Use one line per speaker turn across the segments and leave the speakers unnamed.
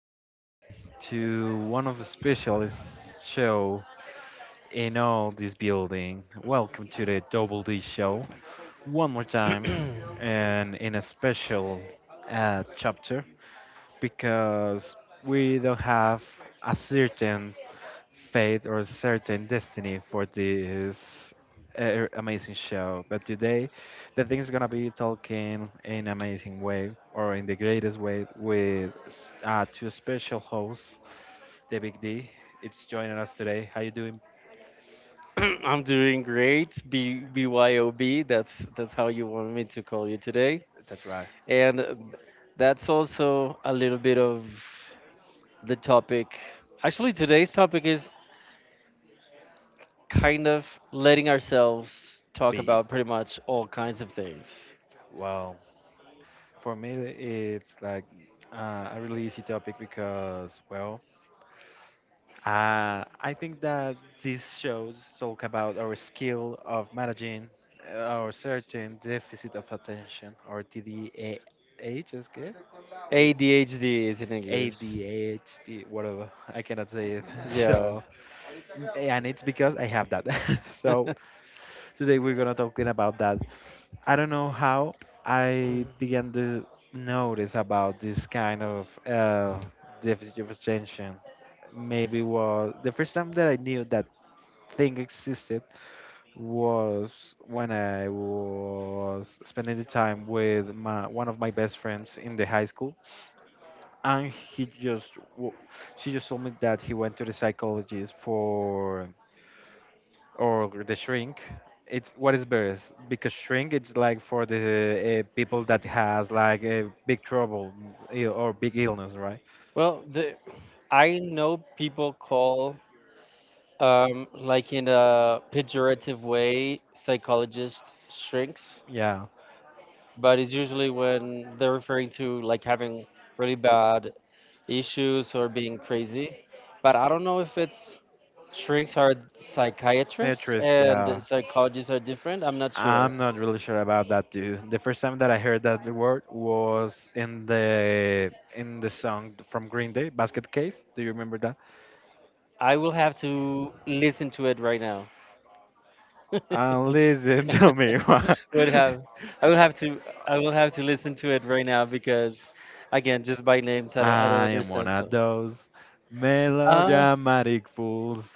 one more time to one of the specialist show in all this building. Welcome to the Double D show one more time, and in a special chapter because we don't have a certain fate or certain destiny for this amazing show. But today, the thing is gonna be talking in amazing way or in the greatest way with two special hosts, the Big D. It's joining us today. How you doing?
I'm doing great. B BYOB, that's how you want me to call you today.
That's right,
And that's also a little bit of the topic. Actually, today's topic is kind of letting ourselves talk
B.
about pretty much all kinds of things.
Well, for me, it's like a really easy topic because well, I think that these shows talk about our skill of managing our certain deficit of attention or TDAH, is good? A-
ADHD is in English.
ADHD, whatever. I cannot say it.
Yeah.
So, and it's because I have that. So today we're gonna talking about that. I don't know how I began to notice about this kind of deficit of attention. Maybe was the first time that I knew that thing existed was when I was spending the time with my one of my best friends in the high school, and she just told me that he went to the psychologist for or the shrink. It's what is best because shrink it's like for the people that has like a big trouble or big illness, right?
Well, the I know people call like in a pejorative way psychologists shrinks,
Yeah,
but it's usually when they're referring to like having really bad issues or being crazy. But I don't know if it's shrinks are psychiatrists
interest.
and
Yeah,
psychologists are different. I'm not sure.
I'm not really sure about that too. The first time that I heard that word was in the song from Green Day, Basket Case. Do you remember that?
I will have to listen to it right now.
Listen to me. Why
would have I will have to I will have to listen to it right now because again just by names I don't
I am one
understand
of
so.
those
Ah,
melodramatic fools.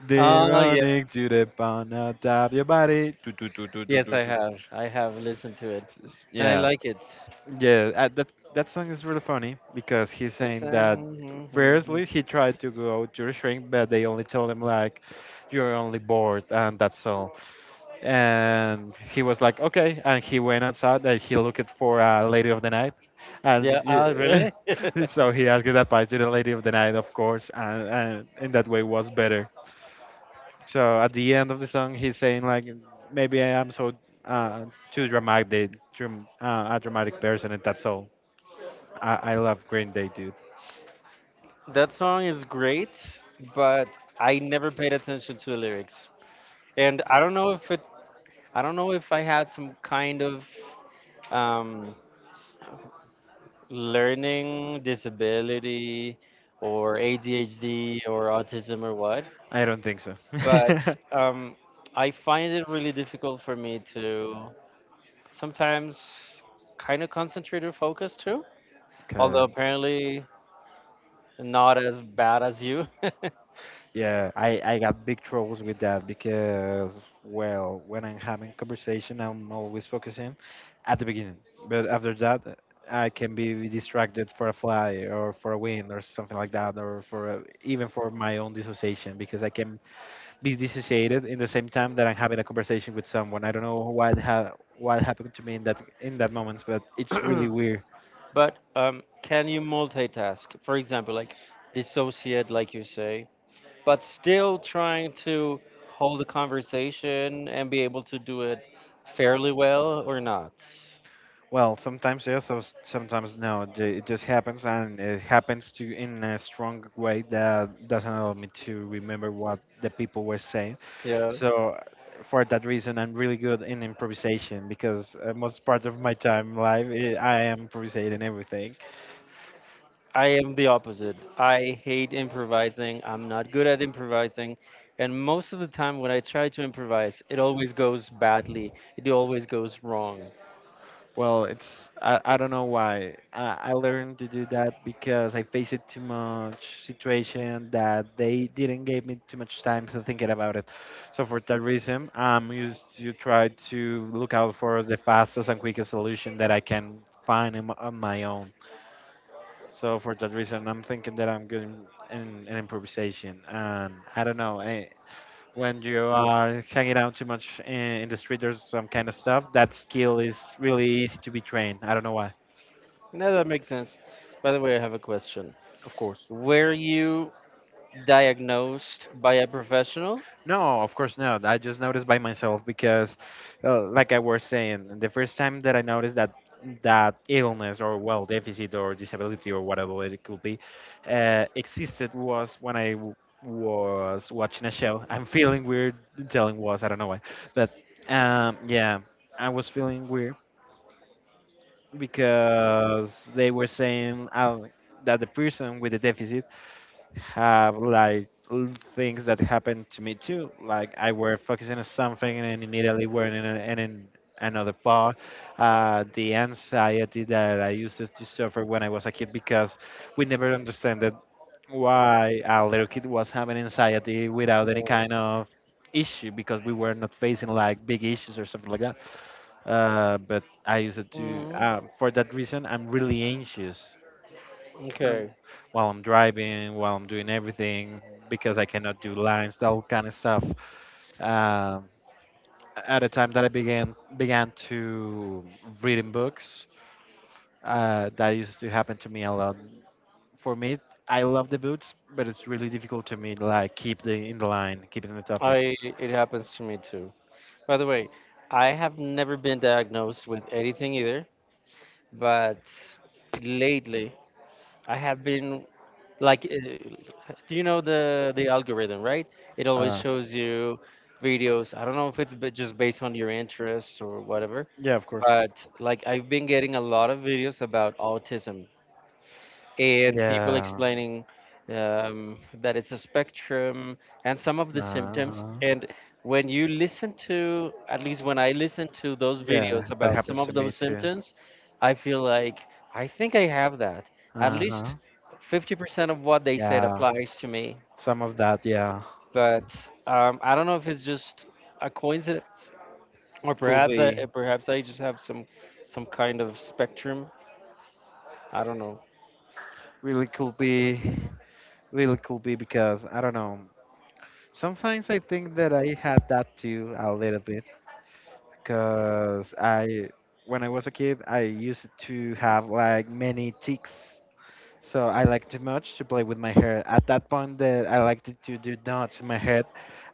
They
ah, yeah.
running to the pun out of your body. Toot, toot, toot, toot, toot,
Yes, I
toot,
have. I have listened to it
toot.
and I
Yeah,
like it.
that song is really funny because he's
Mm-hmm,
saying that
mm-hmm, mm-hmm.
firstly he tried to go to the shrink, but they only told him like you're only bored and that's all. And he was like, okay, and he went outside and he looked for a lady of the night, and
Yeah,
yeah,
really?
so he asked advice to the lady of the night, of course, and in that way was better. So at the end of the song, he's saying like, maybe I am so uh, too dramatic, a dramatic person, and that's all. I love Green Day, dude.
That song is great, but I never paid attention to the lyrics. And I don't know if it, I don't know if I had some kind of um, learning disability or ADHD or autism or what,
I don't think so.
but um, I find it really difficult for me to sometimes kind of concentrate or focus too. Although
Okay.
apparently not as bad as you.
Yeah, I got big troubles with that because, well, when I'm having conversation, I'm always focusing at the beginning. But after that, I can be distracted for a fly or for a wind or something like that, or for a, even for my own dissociation because I can be dissociated in the same time that I'm having a conversation with someone. I don't know what ha what happened to me in that moment, but it's really weird.
But can you multitask? For example, like dissociate, like you say, but still trying to hold a conversation and be able to do it fairly well or not?
Well, sometimes yes, sometimes no. It just happens, and it happens to in a strong way that doesn't allow me to remember what the people were saying.
Yeah.
So, for that reason, I'm really good in improvisation because most part of my time live I am improvising everything.
I am the opposite. I hate improvising. I'm not good at improvising. And most of the time, when I try to improvise, it always goes badly. It always goes wrong.
Well, it's I don't know why. I learned to do that because I faced it too much situation that they didn't give me too much time to thinking about it. So for that reason, I'm used to try to look out for the fastest and quickest solution that I can find in, on my own. So for that reason, I'm thinking that I'm good in improvisation. And I don't know, I, when you are hanging out too much in the street or some kind of stuff, that skill is really easy to be trained. I don't know why.
Now that makes sense. By the way, I have a question.
Of course.
Were you diagnosed by a professional?
No, of course not. I just noticed by myself because, like I was saying, the first time that I noticed that that illness or well deficit or disability or whatever it could be existed was when was watching a show. I'm feeling weird telling was I don't know why, but yeah, I was feeling weird because they were saying that the person with the deficit have like things that happened to me too. Like I were focusing on something and then immediately were in, a, another part. The anxiety that I used to suffer when I was a kid because we never understood why a little kid was having anxiety without any
No.
kind of issue because we were not facing like big issues or something like that. But I used to,
Mm,
for that reason, I'm really anxious um,
okay.
while I'm driving, while I'm doing everything, because I cannot do lines, that all kind of stuff. Um, at the time that I began to reading books, that used to happen to me a lot. For me, I love the books, but it's really difficult to me like keep the in the line, keeping the topic.
I It happens to me too. By the way, I have never been diagnosed with anything either, but lately I have been like do you know the algorithm, right? It always
Uh,
shows you videos. I don't know if it's just based on your interests or whatever,
yeah, of course.
but like I've been getting a lot of videos about autism and people
Yeah.
explaining that it's a spectrum and some of the symptoms.
Uh-huh.
And when you listen to, at least when I listen to those
Yeah,
videos
that
about some
happens to
of
me
those
too.
symptoms, I feel like I think I have that. At
Uh huh.
least 50% of what they said
Yeah.
applies to me.
Some of that, yeah,
But I don't know if it's just a coincidence, or
could be
perhaps I just have some kind of spectrum. I don't know.
really could be really could be because I don't know. Sometimes I think that I had that too a little bit because I when I was a kid I used to have like many ticks. So I liked too much to play with my hair. At that point that I liked to do knots in my hair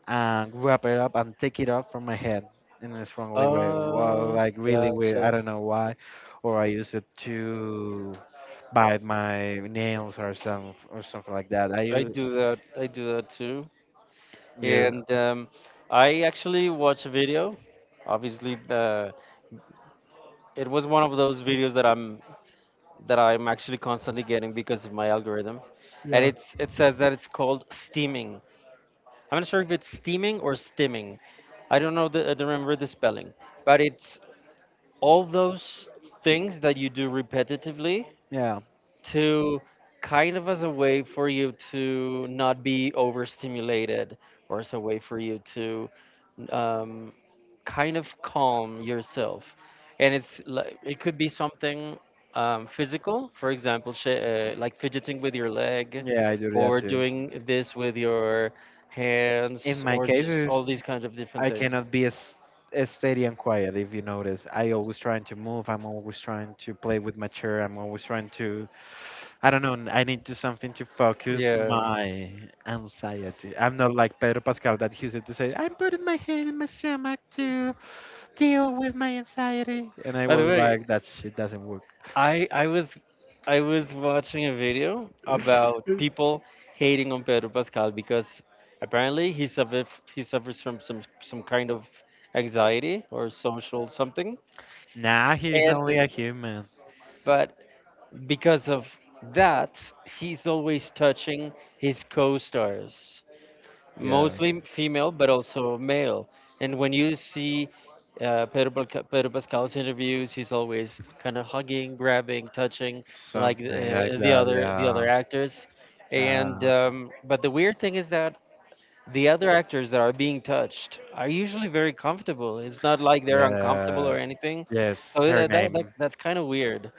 and wrap it up and take it off from my head in a strongly way. Well,
Uh,
like really weird.
gotcha.
I don't know why, or I use it to bite my nails or some or something like that. I
I
use
do that. I do that too.
yes,
And I actually watched a video. Obviously, it was one of those videos that I'm actually constantly getting because of my algorithm, and
yeah,
it says that it's called steaming. I'm not sure if it's steaming or stimming. I don't know. I don't remember the spelling, but it's all those things that you do repetitively
yeah,
to kind of as a way for you to not be overstimulated, or as a way for you to um, kind of calm yourself. And it's like it could be something physical, for example like fidgeting with your leg
yeah. I do that
or
too.
doing this with your
In
hands
my
or
case,
just all
is
these kinds of different
I
things.
cannot be as steady and quiet. If you notice, I always trying to move. I'm always trying to play with my chair. I'm always trying to. I don't know. I need to something to focus
Yeah,
my anxiety. I'm not like Pedro Pascal that used to say, "I'm putting my hand in my stomach to deal with my anxiety," and I
by the
was
way,
like, "That shit doesn't work."
I I was I was watching a video about people hating on Pedro Pascal because apparently he suffers from some kind of anxiety or social something.
Nah, he's only
and
a human.
but because of that, he's always touching his co-stars,
Yeah,
mostly female, but also male. And when you see Pedro Pascal's interviews, he's always kind of hugging, grabbing, touching, like
something like that.
the other
Yeah,
actors. And
yeah,
but the weird thing is that the other actors that are being touched are usually very comfortable. It's not like they're uncomfortable or
yeah.
anything. So
Yes, her name.
that's kind of weird.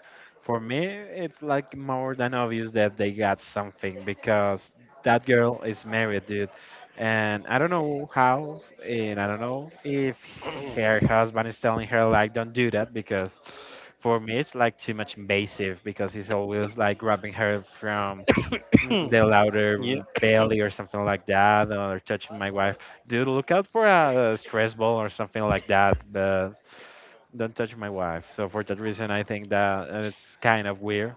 For me, it's like more than obvious that they got something because that girl is married, dude. And I don't know how, and I don't know if her husband is telling her, like, don't do that because for me, it's like too much invasive because he's always like grabbing her from mm, the
Yeah.
louder belly or something like that or touching my wife. Dude, look out for a stress ball or something like that. But don't touch my wife. So for that reason, I think that it's kind of weird.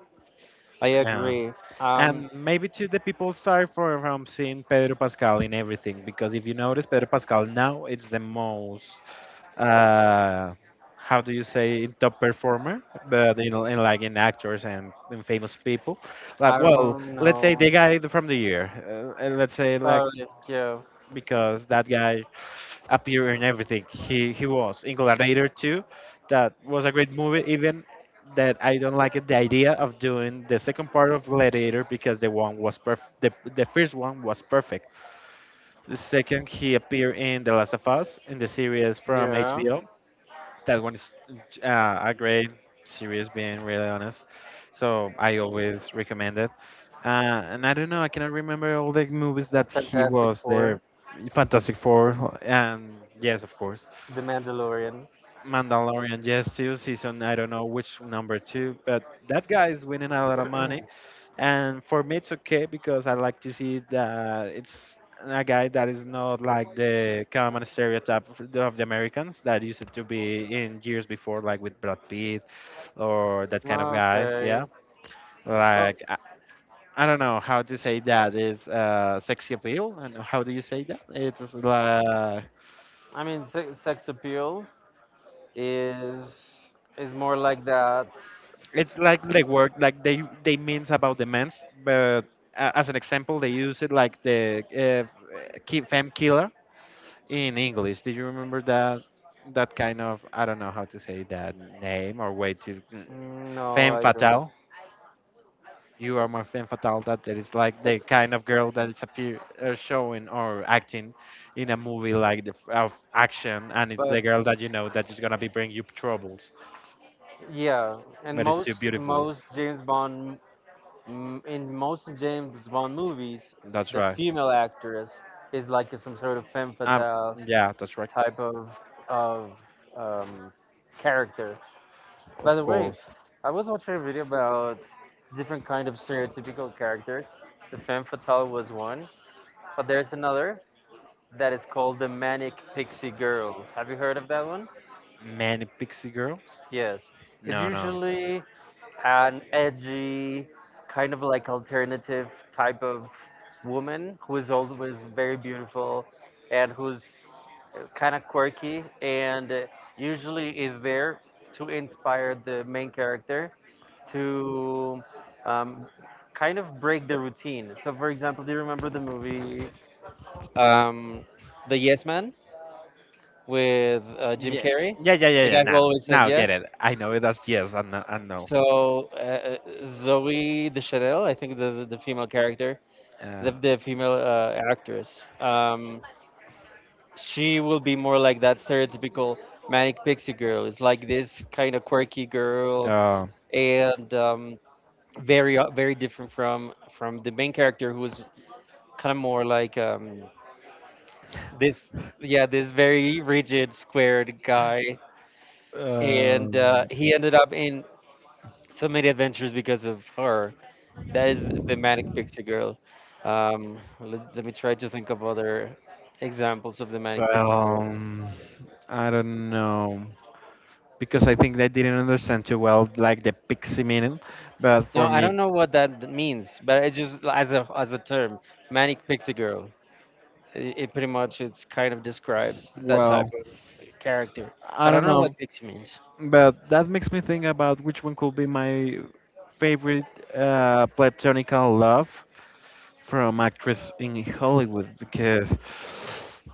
I
Yeah.
agree. Um,
And maybe too, the people start for, from seeing Pedro Pascal in everything because if you notice, Pedro Pascal now it's the most, uh, how do you say, in top performer, but you know, in like in actors and in famous people.
I
Like, well,
don't
let's say
know.
the guy from the year, and let's say like
Probably, yeah,
because that guy appeared in everything. He was in Gladiator 2. That was a great movie, even that I don't like it, the idea of doing the second part of Gladiator because the one was perf. The first one was perfect. The second, he appeared in The Last of Us in the series from
yeah.
HBO. That one is a great series, being really honest. So I always recommend it. And I don't know, I cannot remember all the movies that he
Fantastic
was there.
Four,
Fantastic Four, and yes, of course.
The Mandalorian.
Mandalorian, yes, too. Season, I don't know which number two, but that guy is winning a lot of money. And for me, it's okay because I like to see that it's a guy that is not like the common stereotype of the Americans that used to be in years before, like with Brad Pitt or that kind of guys.
Okay.
Yeah.
Well,
Like, I don't know how to say that. It's sexy appeal, and how do you say that?
I mean, sex appeal is more like that.
It's like the word like they means about the men's, but as an example, they use it like the uh, femme killer in English. Do you remember that that kind of I don't know how to say that name or way to mm,
No,
femme
I don't.
fatale? You are more femme fatale. That it's like the kind of girl that is appear showing or acting in a movie like the of action, and it's
But
the girl that you know that is gonna be bring you troubles.
yeah, and
But it's so beautiful.
most James Bond, in most James Bond movies,
That's
the
right.
female actress is like some sort of femme
um
fatale
yeah, that's right.
type of um, character. By
Of
the way,
course.
I was watching a video about different kind of stereotypical characters. The femme fatale was one, but there's another that is called the manic pixie girl. Have you heard of that one?
Many pixie girls.
Yes. It's
No, no.
usually an edgy, kind of like alternative type of woman who is always very beautiful and who's kind of quirky, and usually is there to inspire the main character to um, kind of break the routine. So, for example, do you remember the movie um, The Yes Man with Jim
yeah
Carrey,
yeah yeah yeah
the
yeah
guy who
now
always says
now
yes?
get it. I know it as yes and no, and no.
So, Zoe Deschanel, I think the female character,
Yeah.
the female actress, she will be more like that stereotypical manic pixie girl. It's like this kind of quirky girl,
uh,
and very very different from the main character who's kind of more like this, yeah, this very rigid, squared guy, and
um
he ended up in so many adventures because of her. That is the manic pixie girl. Let me try to think of other examples of the manic
well,
pixie girl.
I don't know, because I think they didn't understand too well like the pixie meaning. But
No,
for
I
me,
don't know what that means, but it's just as a term, manic pixie girl. It pretty much it's kind of describes that type
well,
of character.
I
But I
don't
don't know
know.
what pixie means.
But that makes me think about which one could be my favorite platonical love from actress in Hollywood, because,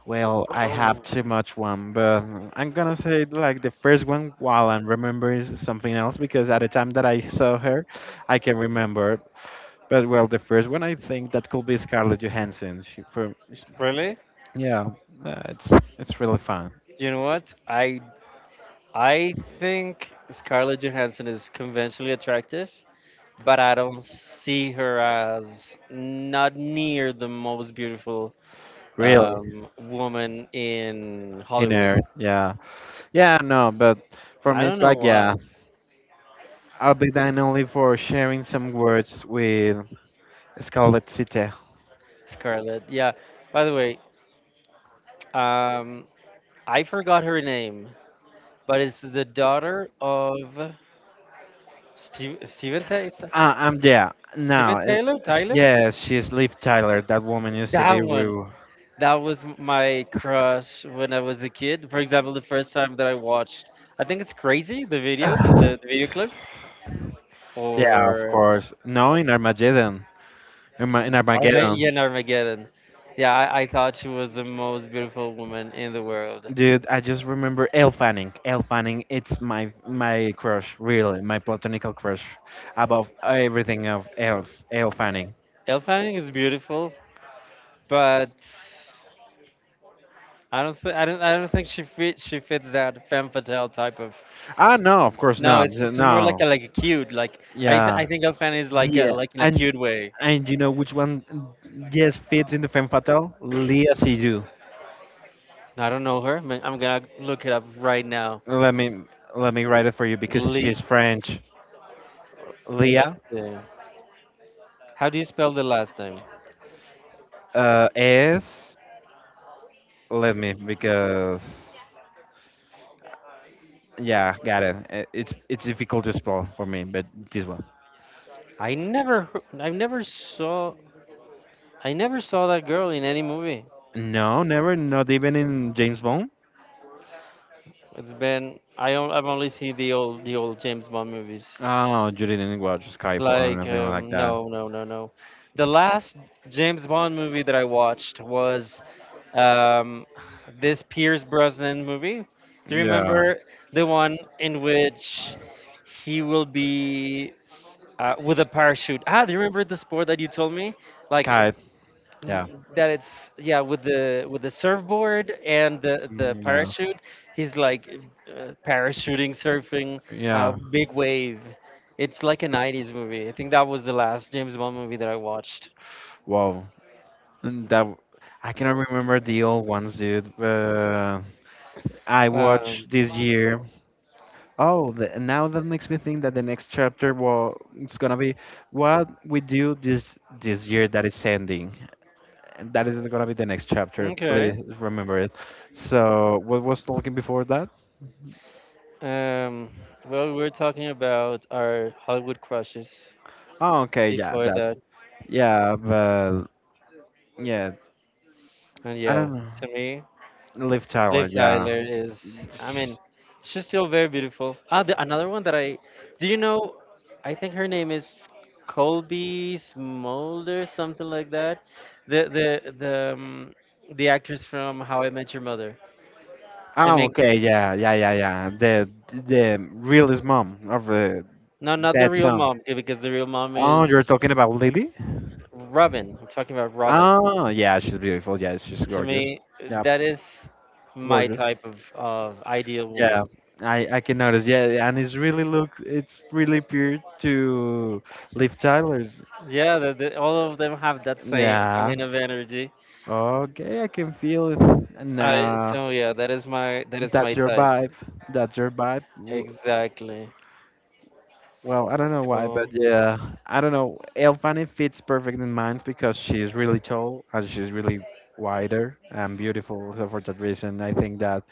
well, I have too much one. But I'm gonna say like the first one while I'm remembering something else, because at the time that I saw her, I can remember it. But well, the first one I think that could be Scarlett Johansson. She, for…
Really?
Yeah, uh, it's it's really fun.
You know what? I think Scarlett Johansson is conventionally attractive, but I don't see her as not near the most beautiful
Really
woman in
in
Hollywood.
air. Yeah, yeah. No, but for
I
me,
don't
it's
know
like, yeah.
why.
I'll be done only for sharing some words with Scarlett City.
Scarlett. Yeah. By the way, um, I forgot her name, but it's the daughter of Steven, Taylor.
Yeah. Now,
Steven Taylor? Tyler?
yes, she's Liv Tyler. That woman used to be
That one.
with.
That was my crush when I was a kid. For example, the first time that I watched, I think it's Crazy, the video,
Ah,
the video
yes.
clip,
Yeah, of
or
course. No, in Armageddon. In Armageddon.
Yeah, and Armageddon. Yeah, I thought she was the most beautiful woman in the world.
Dude, I just remember Elle Fanning. Elle Fanning, it's my crush, really, my platonical crush, above everything of else. Elle Fanning.
Elle Fanning is beautiful, but I don't think she fits that femme fatale type of.
Ah, no, of course
No,
not.
it's just more
No,
like a cute like
yeah,
I think Elle Fanning is like
yeah,
like in a
and
cute way.
you know which one just fits into femme fatale? Leah Seydoux.
I don't know her, but I'm gonna look it up right now.
Let me let me write it for you, because
Lee.
she's French.
Let's
Leah.
see. How do you spell the last name?
Is. Let me, because yeah, got it. It's difficult to spell for me, but this one.
I never, hear- I never saw, I never saw that girl in any movie.
No, never, not even in James Bond.
It's been I've only seen the old James Bond movies.
Oh, you didn't watch Skyfall or
Like
anything like that?
no no no no. The last James Bond movie that I watched was um, this Pierce Brosnan movie. Do you
Yeah,
remember the one in which he will be with a parachute? Ah, do you remember the sport that you told me?
Sky.
Like
Yeah.
that it's, yeah, with the surfboard and the
Yeah,
parachute, he's like parachuting surfing
yeah.
big wave. It's like a 90s movie. I think that was the last James Bond movie that I watched.
Wow. Mm, that w- I cannot remember the old ones, dude. I
um,
watched this year. Oh, now that makes me think that the next chapter, well, it's gonna be what we do this year that is ending, and that is gonna be the next chapter.
okay.
Please remember it. So, what was talking before that?
um, well, we're talking about our Hollywood crushes
Oh, okay, yeah,
before
that's…
that,
yeah, but yeah,
and
I
yeah,
don't know.
to me
Liv
Liv
Tyler, yeah.
Tyler is, I mean,
Sh-.
she's still very beautiful. Ah, the, another one that do you know? I think her name is Colby Smolder, something like that. The the actress from How I Met Your Mother, the
Oh,
main
okay,
character.
yeah, yeah, yeah, yeah. The realist mom of the
No, not the
that
real
son.
mom, okay, because the real mom
Oh, you're
is
talking about Lily?
Robin. I'm talking about Robin.
Oh, yeah, she's beautiful. Yeah, she's
To
gorgeous.
me,
Yeah,
that is my
gorgeous.
type of ideal
Yeah,
woman.
I can notice. Yeah, yeah, and it's really look, it's really pure to Liv Tyler's.
Yeah, all of them have that same
Yeah.
kind of energy.
Okay, I can feel it.
I
Nah,
so yeah, that is my
that's your
type.
vibe. That's your vibe. W-.
Exactly.
Well, I don't know why, but
Cool.
yeah, I don't know. Elfanie fits perfect in mine because she's really tall and she's really wider and beautiful. So for that reason, I think that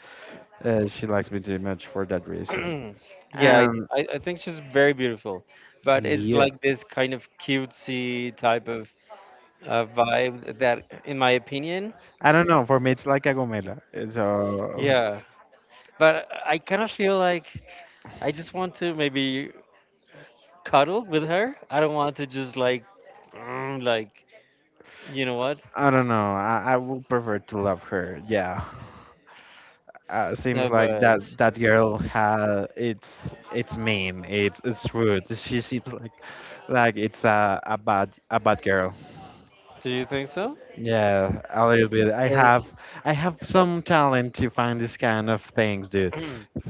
she likes me too much for that reason.
Yeah,
And
I think she's very beautiful, but it's
yeah,
like this kind of cutesy type of vibe that, in my opinion,
I don't know. For me, it's like a gomela. Eh, so
yeah. But I kind of feel like I just want to maybe cuddle with her. I don't want to just like, like, you know what?
I don't know. I would prefer to love her. Yeah. Seems
No,
like that
but
that girl has, it's mean. It's rude. She seems like it's a bad girl.
do you think so?
Yeah, a little bit.
Because
I have some talent to find this kind of things, dude.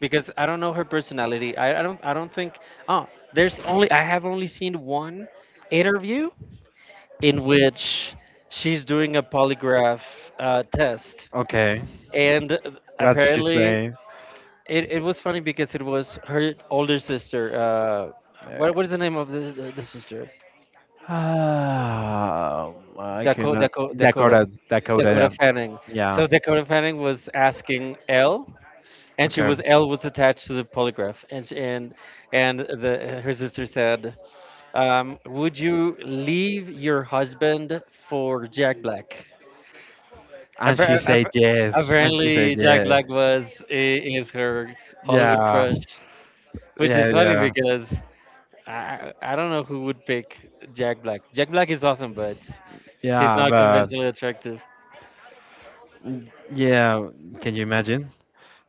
because I don't know her personality. I don't think. Oh, there's only I have only seen one interview in which she's doing a polygraph test.
Okay,
And
what's she
apparently
saying?
it was funny because it was her older sister. What is the name of the sister?
Ah, I
Dakota,
cannot.
Dakota Dakota
Dakota, Dakota. Yeah.
Dakota Fanning.
Yeah.
So Dakota Fanning was asking Elle, and she
Okay.
was L was attached to the polygraph, and she, and the her sister said, "Would you leave your husband for Jack Black?"
And she
Appar-
said
app-
yes. And she said
Apparently, Jack
yes.
Black was is her Hollywood
Yeah,
crush, which is
yeah,
funny
yeah,
because I don't know who would pick Jack Black. Jack Black is awesome, but he's
yeah.
not
But
conventionally attractive.
yeah, can you imagine?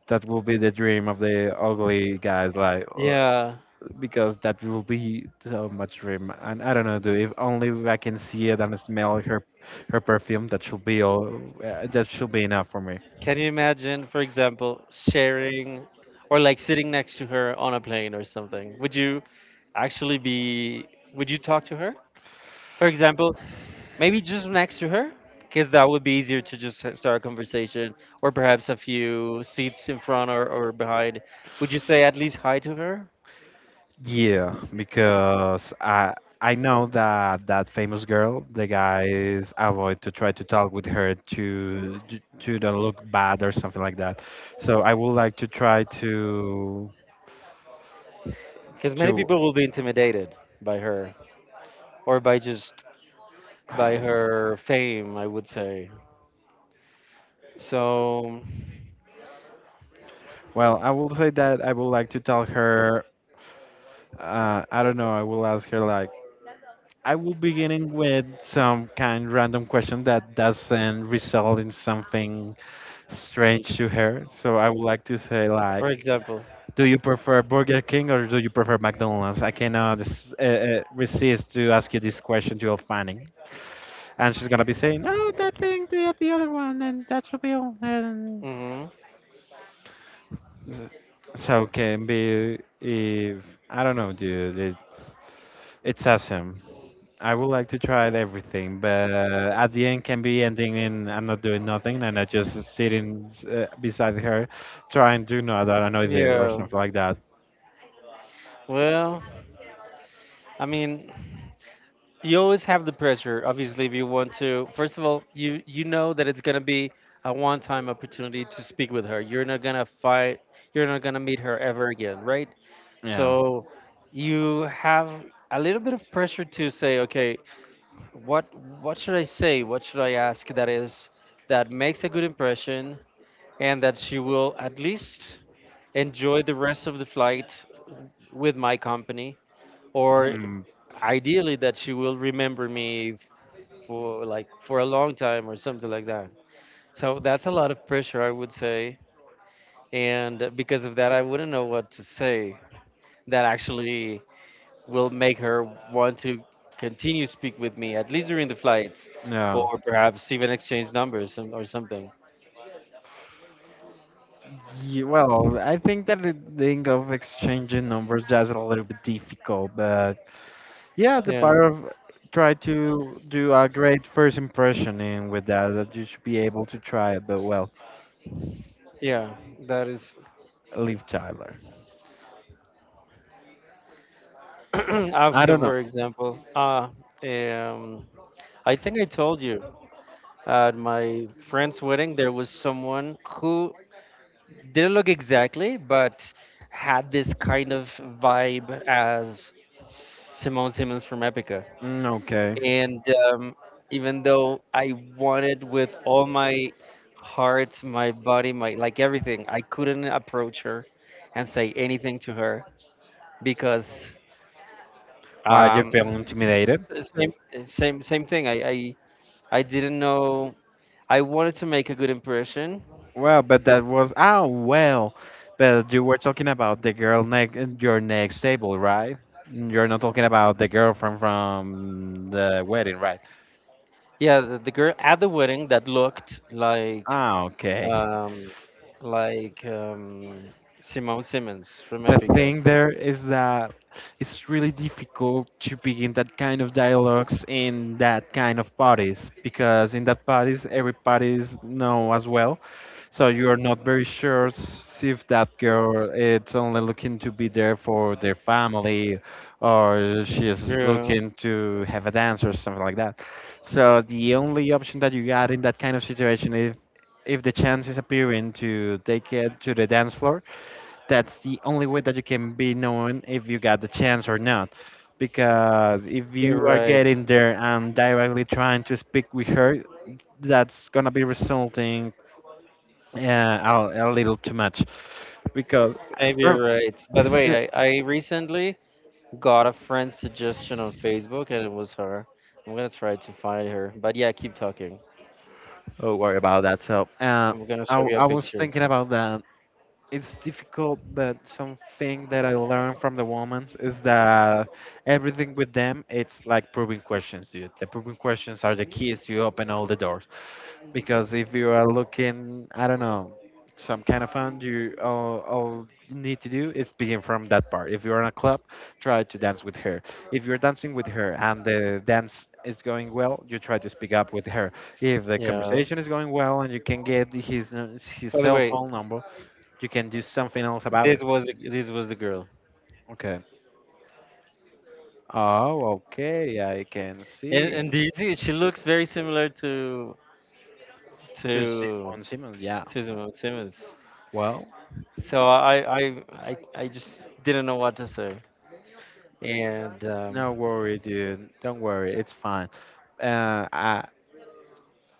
That will be the dream of the ugly guys, like
Yeah.
because that will be so much dream. And I don't know, dude. If only I can see it and smell her, her perfume, that should be all. That should be enough for me.
Can you imagine, for example, sharing or like sitting next to her on a plane or something? Would you actually be, would you talk to her? For example, maybe just next to her, because that would be easier to just start a conversation, or perhaps a few seats in front or behind. Would you say at least hi to her?
Yeah, because I know that that famous girl, the guys avoid to try to talk with her to don't look bad or something like that. So I would like to try
Because many
to
people will be intimidated by her or by just by her fame, I would say. So,
well, I will say that I would like to tell her. I don't know. I will ask her like I will beginning with some kind random question that doesn't result in something strange to her. So I would like to say like.
for example.
Do you prefer Burger King or do you prefer McDonald's? I cannot resist to ask you this question to your Fanning. And she's gonna be saying, "No, that thing, the other one, and that should be all." And
Hmm,
s-, so can be if I don't know, dude. It's awesome. I would like to try everything, but at the end can be ending in I'm not doing nothing and I just sitting beside her, trying to know that I know there or
yeah.
something like that.
Well, I mean, you always have the pressure. Obviously, if you want to, first of all, you know that it's gonna be a one-time opportunity to speak with her. You're not gonna fight. You're not gonna meet her ever again, right?
Yeah.
So you have a little bit of pressure to say, okay, what what should I say? What should I ask that is that makes a good impression, and that she will at least enjoy the rest of the flight with my company, or ideally that she will remember me for like for a long time or something like that. So that's a lot of pressure, I would say. And because of that, I wouldn't know what to say that actually will make her want to continue speak with me at least during the flight,
Yeah.
or perhaps even exchange numbers and- or something.
Ye-, well, I think that the thing of exchanging numbers, that's a little bit difficult, but yeah, the
Yeah,
part of try to do a great first impression, and with that, that you should be able to try it. But well,
yeah. That is.
leave Tyler. I
Also,
don't know.
for example, um I think I told you at my friend's wedding there was someone who it didn't look exactly, but had this kind of vibe as Simone Simmons from Epica.
Mm, okay.
And um, even though I wanted with all my heart, my body, my like everything, I couldn't approach her and say anything to her because
Why you
um,
feel intimidated?
s- same same thing. I didn't know. I wanted to make a good impression.
Well, but that was oh well, but you were talking about the girl next your next table, right? You're not talking about the girlfriend from the wedding, right?
Yeah, the girl at the wedding that looked
Ah, okay.
um, like Simone Simmons from
The
Epica.
thing there is that it's really difficult to begin that kind of dialogues in that kind of parties, because in that parties every parties know as well, so you are not very sure if that girl it's only looking to be there for their family, or she is
True,
looking to have a dance or something like that. So the only option that you got in that kind of situation is if the chance is appearing to take it to the dance floor. That's the only way that you can be known if you got the chance or not. Because if
you're
you are
right.
getting there and directly trying to speak with her, that's gonna be resulting uh, a little too much. Because
Maybe
from
you're right. By the
s- uh,
way, I recently got a friend's suggestion on Facebook, and it was her. I'm gonna try to find her. But yeah, keep talking.
oh, worry about that. So
I'm gonna show you a
I was
picture.
thinking about that. It's difficult, but something that I learned from the women is that everything with them, it's like probing questions, dude. The probing questions are the keys. You open all the doors. Because if you are looking, I don't know, some kind of fun, you all you need to do is begin from that part. If you're in a club, try to dance with her. If you're dancing with her and the dance is going well, you try to speak up with her. If the
Yeah.
conversation is going well and you can get his
By the
cell
way,
phone number, you can do something else about it.
this was the girl,
Okay. Oh, okay. I can
and
see.
and do you see she looks very similar to
To
to
Simon, Simon. Yeah.
Simone Simmons.
Well,
So I just didn't know what to say. And
no worry, dude. Don't worry. It's fine. uh, I,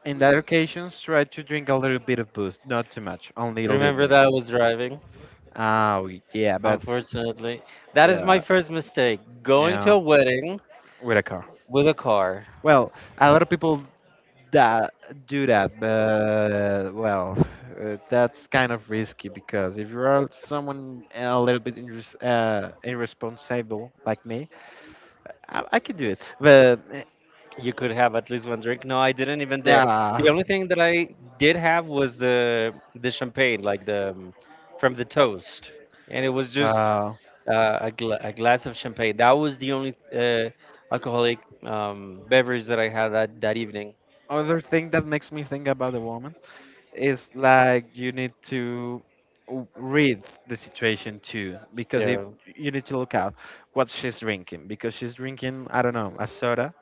In that occasions, try to drink a little bit of booze, not too much, only a little
remember
bit.
that I was driving.
Oh, yeah, but
Unfortunately, that is my
yeah,
first mistake. Going to
yeah,
a wedding
with a car.
with a car,
Well, a lot of people that do that, but well, that's kind of risky because if you're someone a little bit irresponsible like me, I can do it. But eh,
you could have at least one drink. No, I didn't even dare.
yeah,
The only thing that I did have was the champagne, like the from the toast, and it was just
well,
a glass of champagne. That was the only alcoholic beverage that I had that, that evening.
other thing that makes me think about the woman, it's like you need to read the situation too, because if
Yeah.
you need to look out what she's drinking, because she's drinking, I don't know, a soda,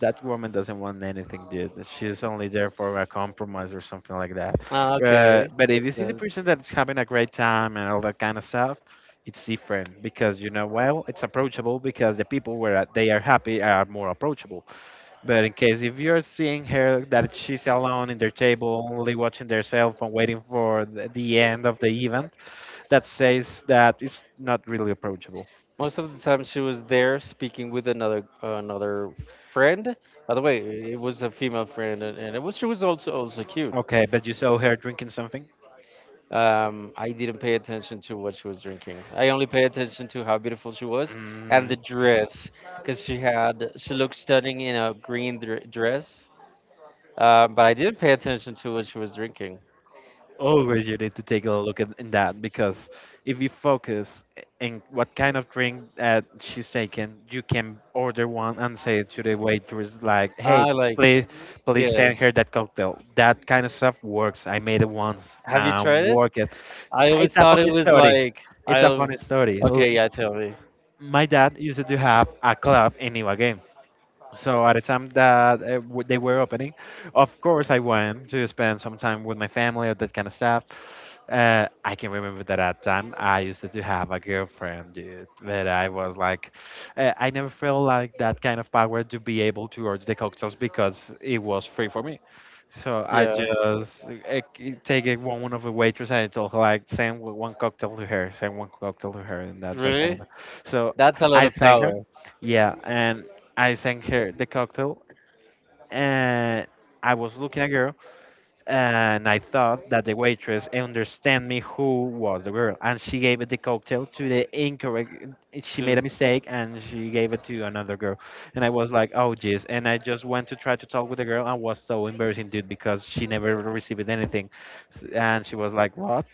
that woman doesn't want anything, dude. She's only there for a compromise or something like that.
Ah,
But
okay.
if you
Makes
see the
sense.
person that's having a great time and all that kind of stuff, it's different, because you know well it's approachable, because the people where they are happy are more approachable. But in case if you're seeing her that she's alone in their table, only watching their cell phone, waiting for the end of the event, that says that it's not really approachable.
Most of the time, she was there speaking with another friend. By the way, it was a female friend, and it was she was also cute.
Okay, but you saw her drinking something?
I didn't pay attention to what she was drinking. I only paid attention to how beautiful she was and
Mm,
the dress, because she looked stunning in a green dr dress. But I didn't pay attention to what she was drinking.
always you need to take a look at in that, because if you focus in what kind of drink that she's taking, you can order one and say to the waitress like, "Hey,
I like.
please, please send her
Yes.
that cocktail." That kind of stuff works. I made it once
Have you
and
tried it?
worked.
I always
It's a
thought it
funny
was
story.
like
It's a
I.
funny story. L-.
Okay, yeah, tell me.
My dad used to have a club in Ibagué. So at the time that they were opening, of course I went to spend some time with my family or that kind of stuff. I can remember that at time I used to have a girlfriend, dude. But I was like, I never felt like that kind of power to be able to order the cocktails because it was free for me. So I
Yeah,
just take it one of the waitress and I told her like send one cocktail to her, send one cocktail to her, and that that kind of
really?
stuff. So
That's a lot
I
of
sent her,
power.
yeah, and I sent her the cocktail and I was looking at girl, and I thought that the waitress understand me who was the girl, and she gave the cocktail to the incorrect, she
To
made a mistake and she gave it to another girl, and I was like, oh jeez, and I just went to try to talk with the girl and was so embarrassing, dude, because she never received anything. And she was like, what?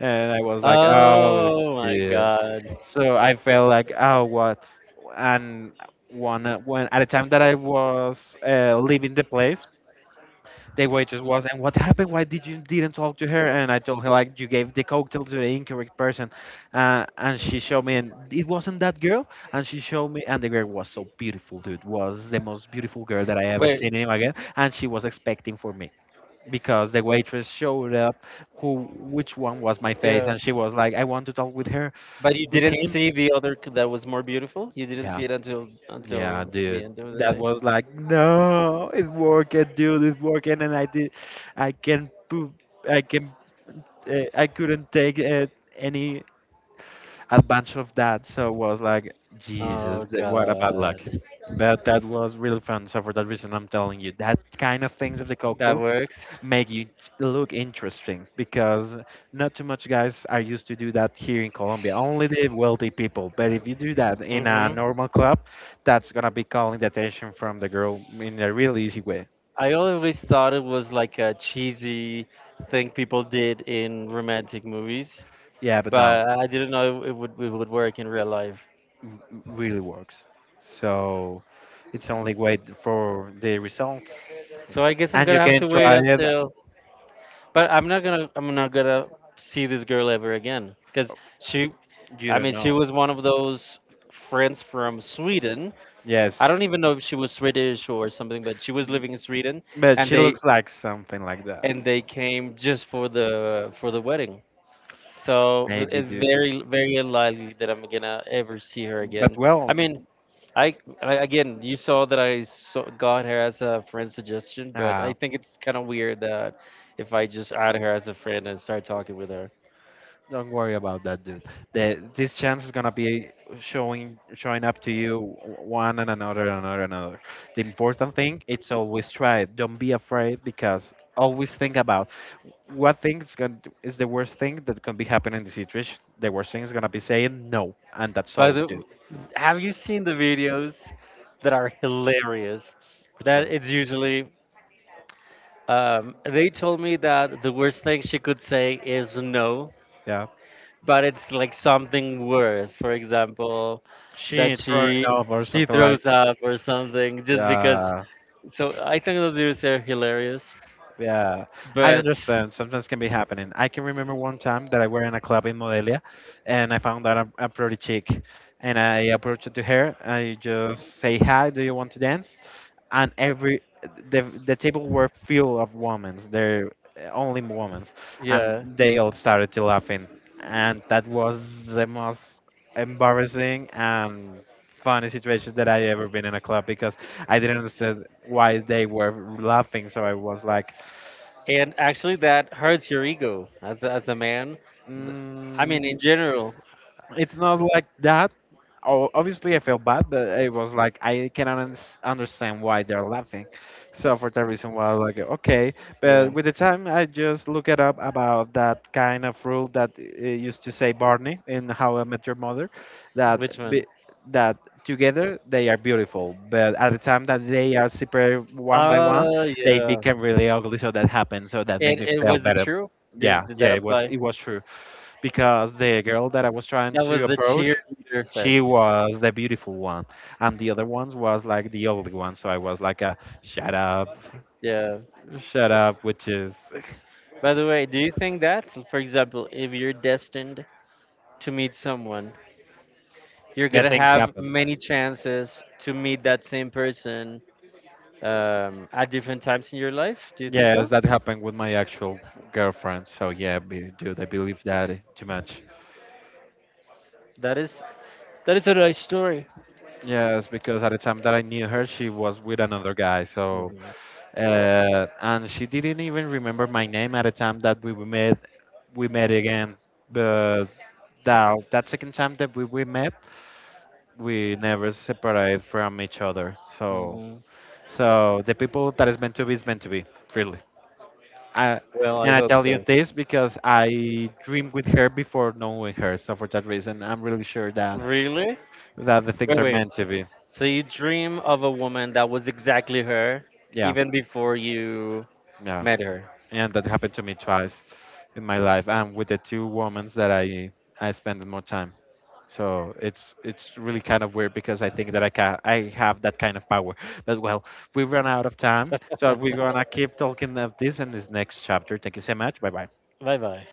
And I was like, oh,
oh my
dude.
god.
So I felt like, oh, what? And one when at the time that I was leaving the place, the waitress was, and what happened? Why did you didn't talk to her? And I told her like, you gave the cocktail to the incorrect person, and she showed me, and it wasn't that girl. And she showed me, and the girl was so beautiful, dude. Was the most beautiful girl that I ever
Wait,
seen in my life, and she was expecting for me because the waitress showed up who which one was my face,
yeah.
and she was like, I want to talk with her,
But you
with
didn't
him.
see the other that was more beautiful. You didn't
Yeah.
see it until
Yeah,
until the
dude,
end of the
that
night.
was like, no, it's working, dude, it's working, and I did, I can poop, I can, I couldn't take any advantage of that, so it was like, Jesus,
Oh
what a bad
god,
luck. But that was really fun. So for that reason, I'm telling you, that kind of things of the
that
cocktails
works.
make you look interesting because not too much guys are used to do that here in Colombia. Only the wealthy people. But if you do that in a
Hmm.
normal club, that's gonna be calling the attention from the girl in a real easy way.
I always thought it was like a cheesy thing people did in romantic movies,
Yeah, but no,
but I didn't know it would work in real life.
really works. So it's only wait for the results,
So I guess I'm
and you
gonna have
can
to wait
try it.
until. But I'm not gonna see this girl ever again, because she
You
I
don't
mean she
know.
was one of those friends from Sweden. I
Yes,
don't even know if she was Swedish or something, but she was
m-
living in Sweden,
but
and
she
they
looks like something like that.
and they came just for the wedding. So
Maybe
it's
do.
very very unlikely that I'm gonna ever see her
But
again.
well,
I mean, I again you saw that I saw, got her as a friend suggestion, but
uh,
I think it's kind of weird that if I just add her as a friend and start talking with her.
don't worry about that, dude. This chance is gonna be showing up to you, one and another and another and another. The important thing it's always try it. Don't be afraid because always think about what thing is going to, is the worst thing that can be happening in the situation. The worst thing is gonna be saying no, and that's
By
all,
the,
dude.
have you seen the videos that are hilarious?
Which
That
one?
it's usually they told me that the worst thing she could say is no,
Yeah,
but it's like something worse. For example, that
she throwing
she
up or
she
something like
throws up or something just because.
that.
So I think those videos are hilarious,
Yeah, I
but
understand. Sometimes can be happening. I can remember one time that I were in a club in Modelia, and I found out a pretty chick, and I approached to her. I just say, hi, do you want to dance? And every the table were full of women. They're only women, and
yeah,
they all started to laughing, and that was the most embarrassing and funny situation that I ever been in a club because I didn't understand why they were laughing. So I was like,
and actually that hurts your ego as a man. I mean,
mm,
in general,
it's not like that. Oh, obviously, I feel bad, but it was like I cannot understand why they're laughing. So for that reason, was like, okay.
yeah.
But with the time, I just look it up about that kind of rule that used to say Barney in How I Met Your Mother, that
Which one?
be- that together they are beautiful, but at the time that they are separated one by one,
Oh
they
yeah.
became really ugly. So that happened. So that
And
made me feel
was it
better.
true?
Yeah,
Did that
yeah, it was
apply?
it was true because the girl that I was trying
That was
to
the
approach,
cheerleader
she
effect.
was the beautiful one, and the other ones was like the ugly one. So I was like, a,
Yeah.
shut up," which is
By the way, do you think that, for example, if you're destined to meet someone, you're
that
gonna
things
have
happen.
many chances to meet that same person at different times in your life? Do you think
Yes,
so?
that happened with my actual girlfriend. So yeah, dude, I believe that too much.
That is. That is a nice story.
Yes, because at the time that I knew her, she was with another guy. So
Mhm.
and she didn't even remember my name at the time that we were met. We met again, but that second time that we met, we never separated from each other. So,
Mhm.
so the people that is meant to be is meant to be, really. I,
Well, I
and I
hope
tell you
so.
this because I dreamed with her before knowing her. So for that reason, I'm really sure that
Really?
the things
Wait,
are
wait.
meant to be.
So you dream of a woman that was exactly her,
Yeah,
even before you
yeah.
met her.
And that happened to me twice in my life and with the two women that I spend more time. So it's really kind of weird because I think that I have that kind of power. But well, we run out of time, so we're gonna keep talking of this in this next chapter. Thank you so much. Bye bye.
Bye bye.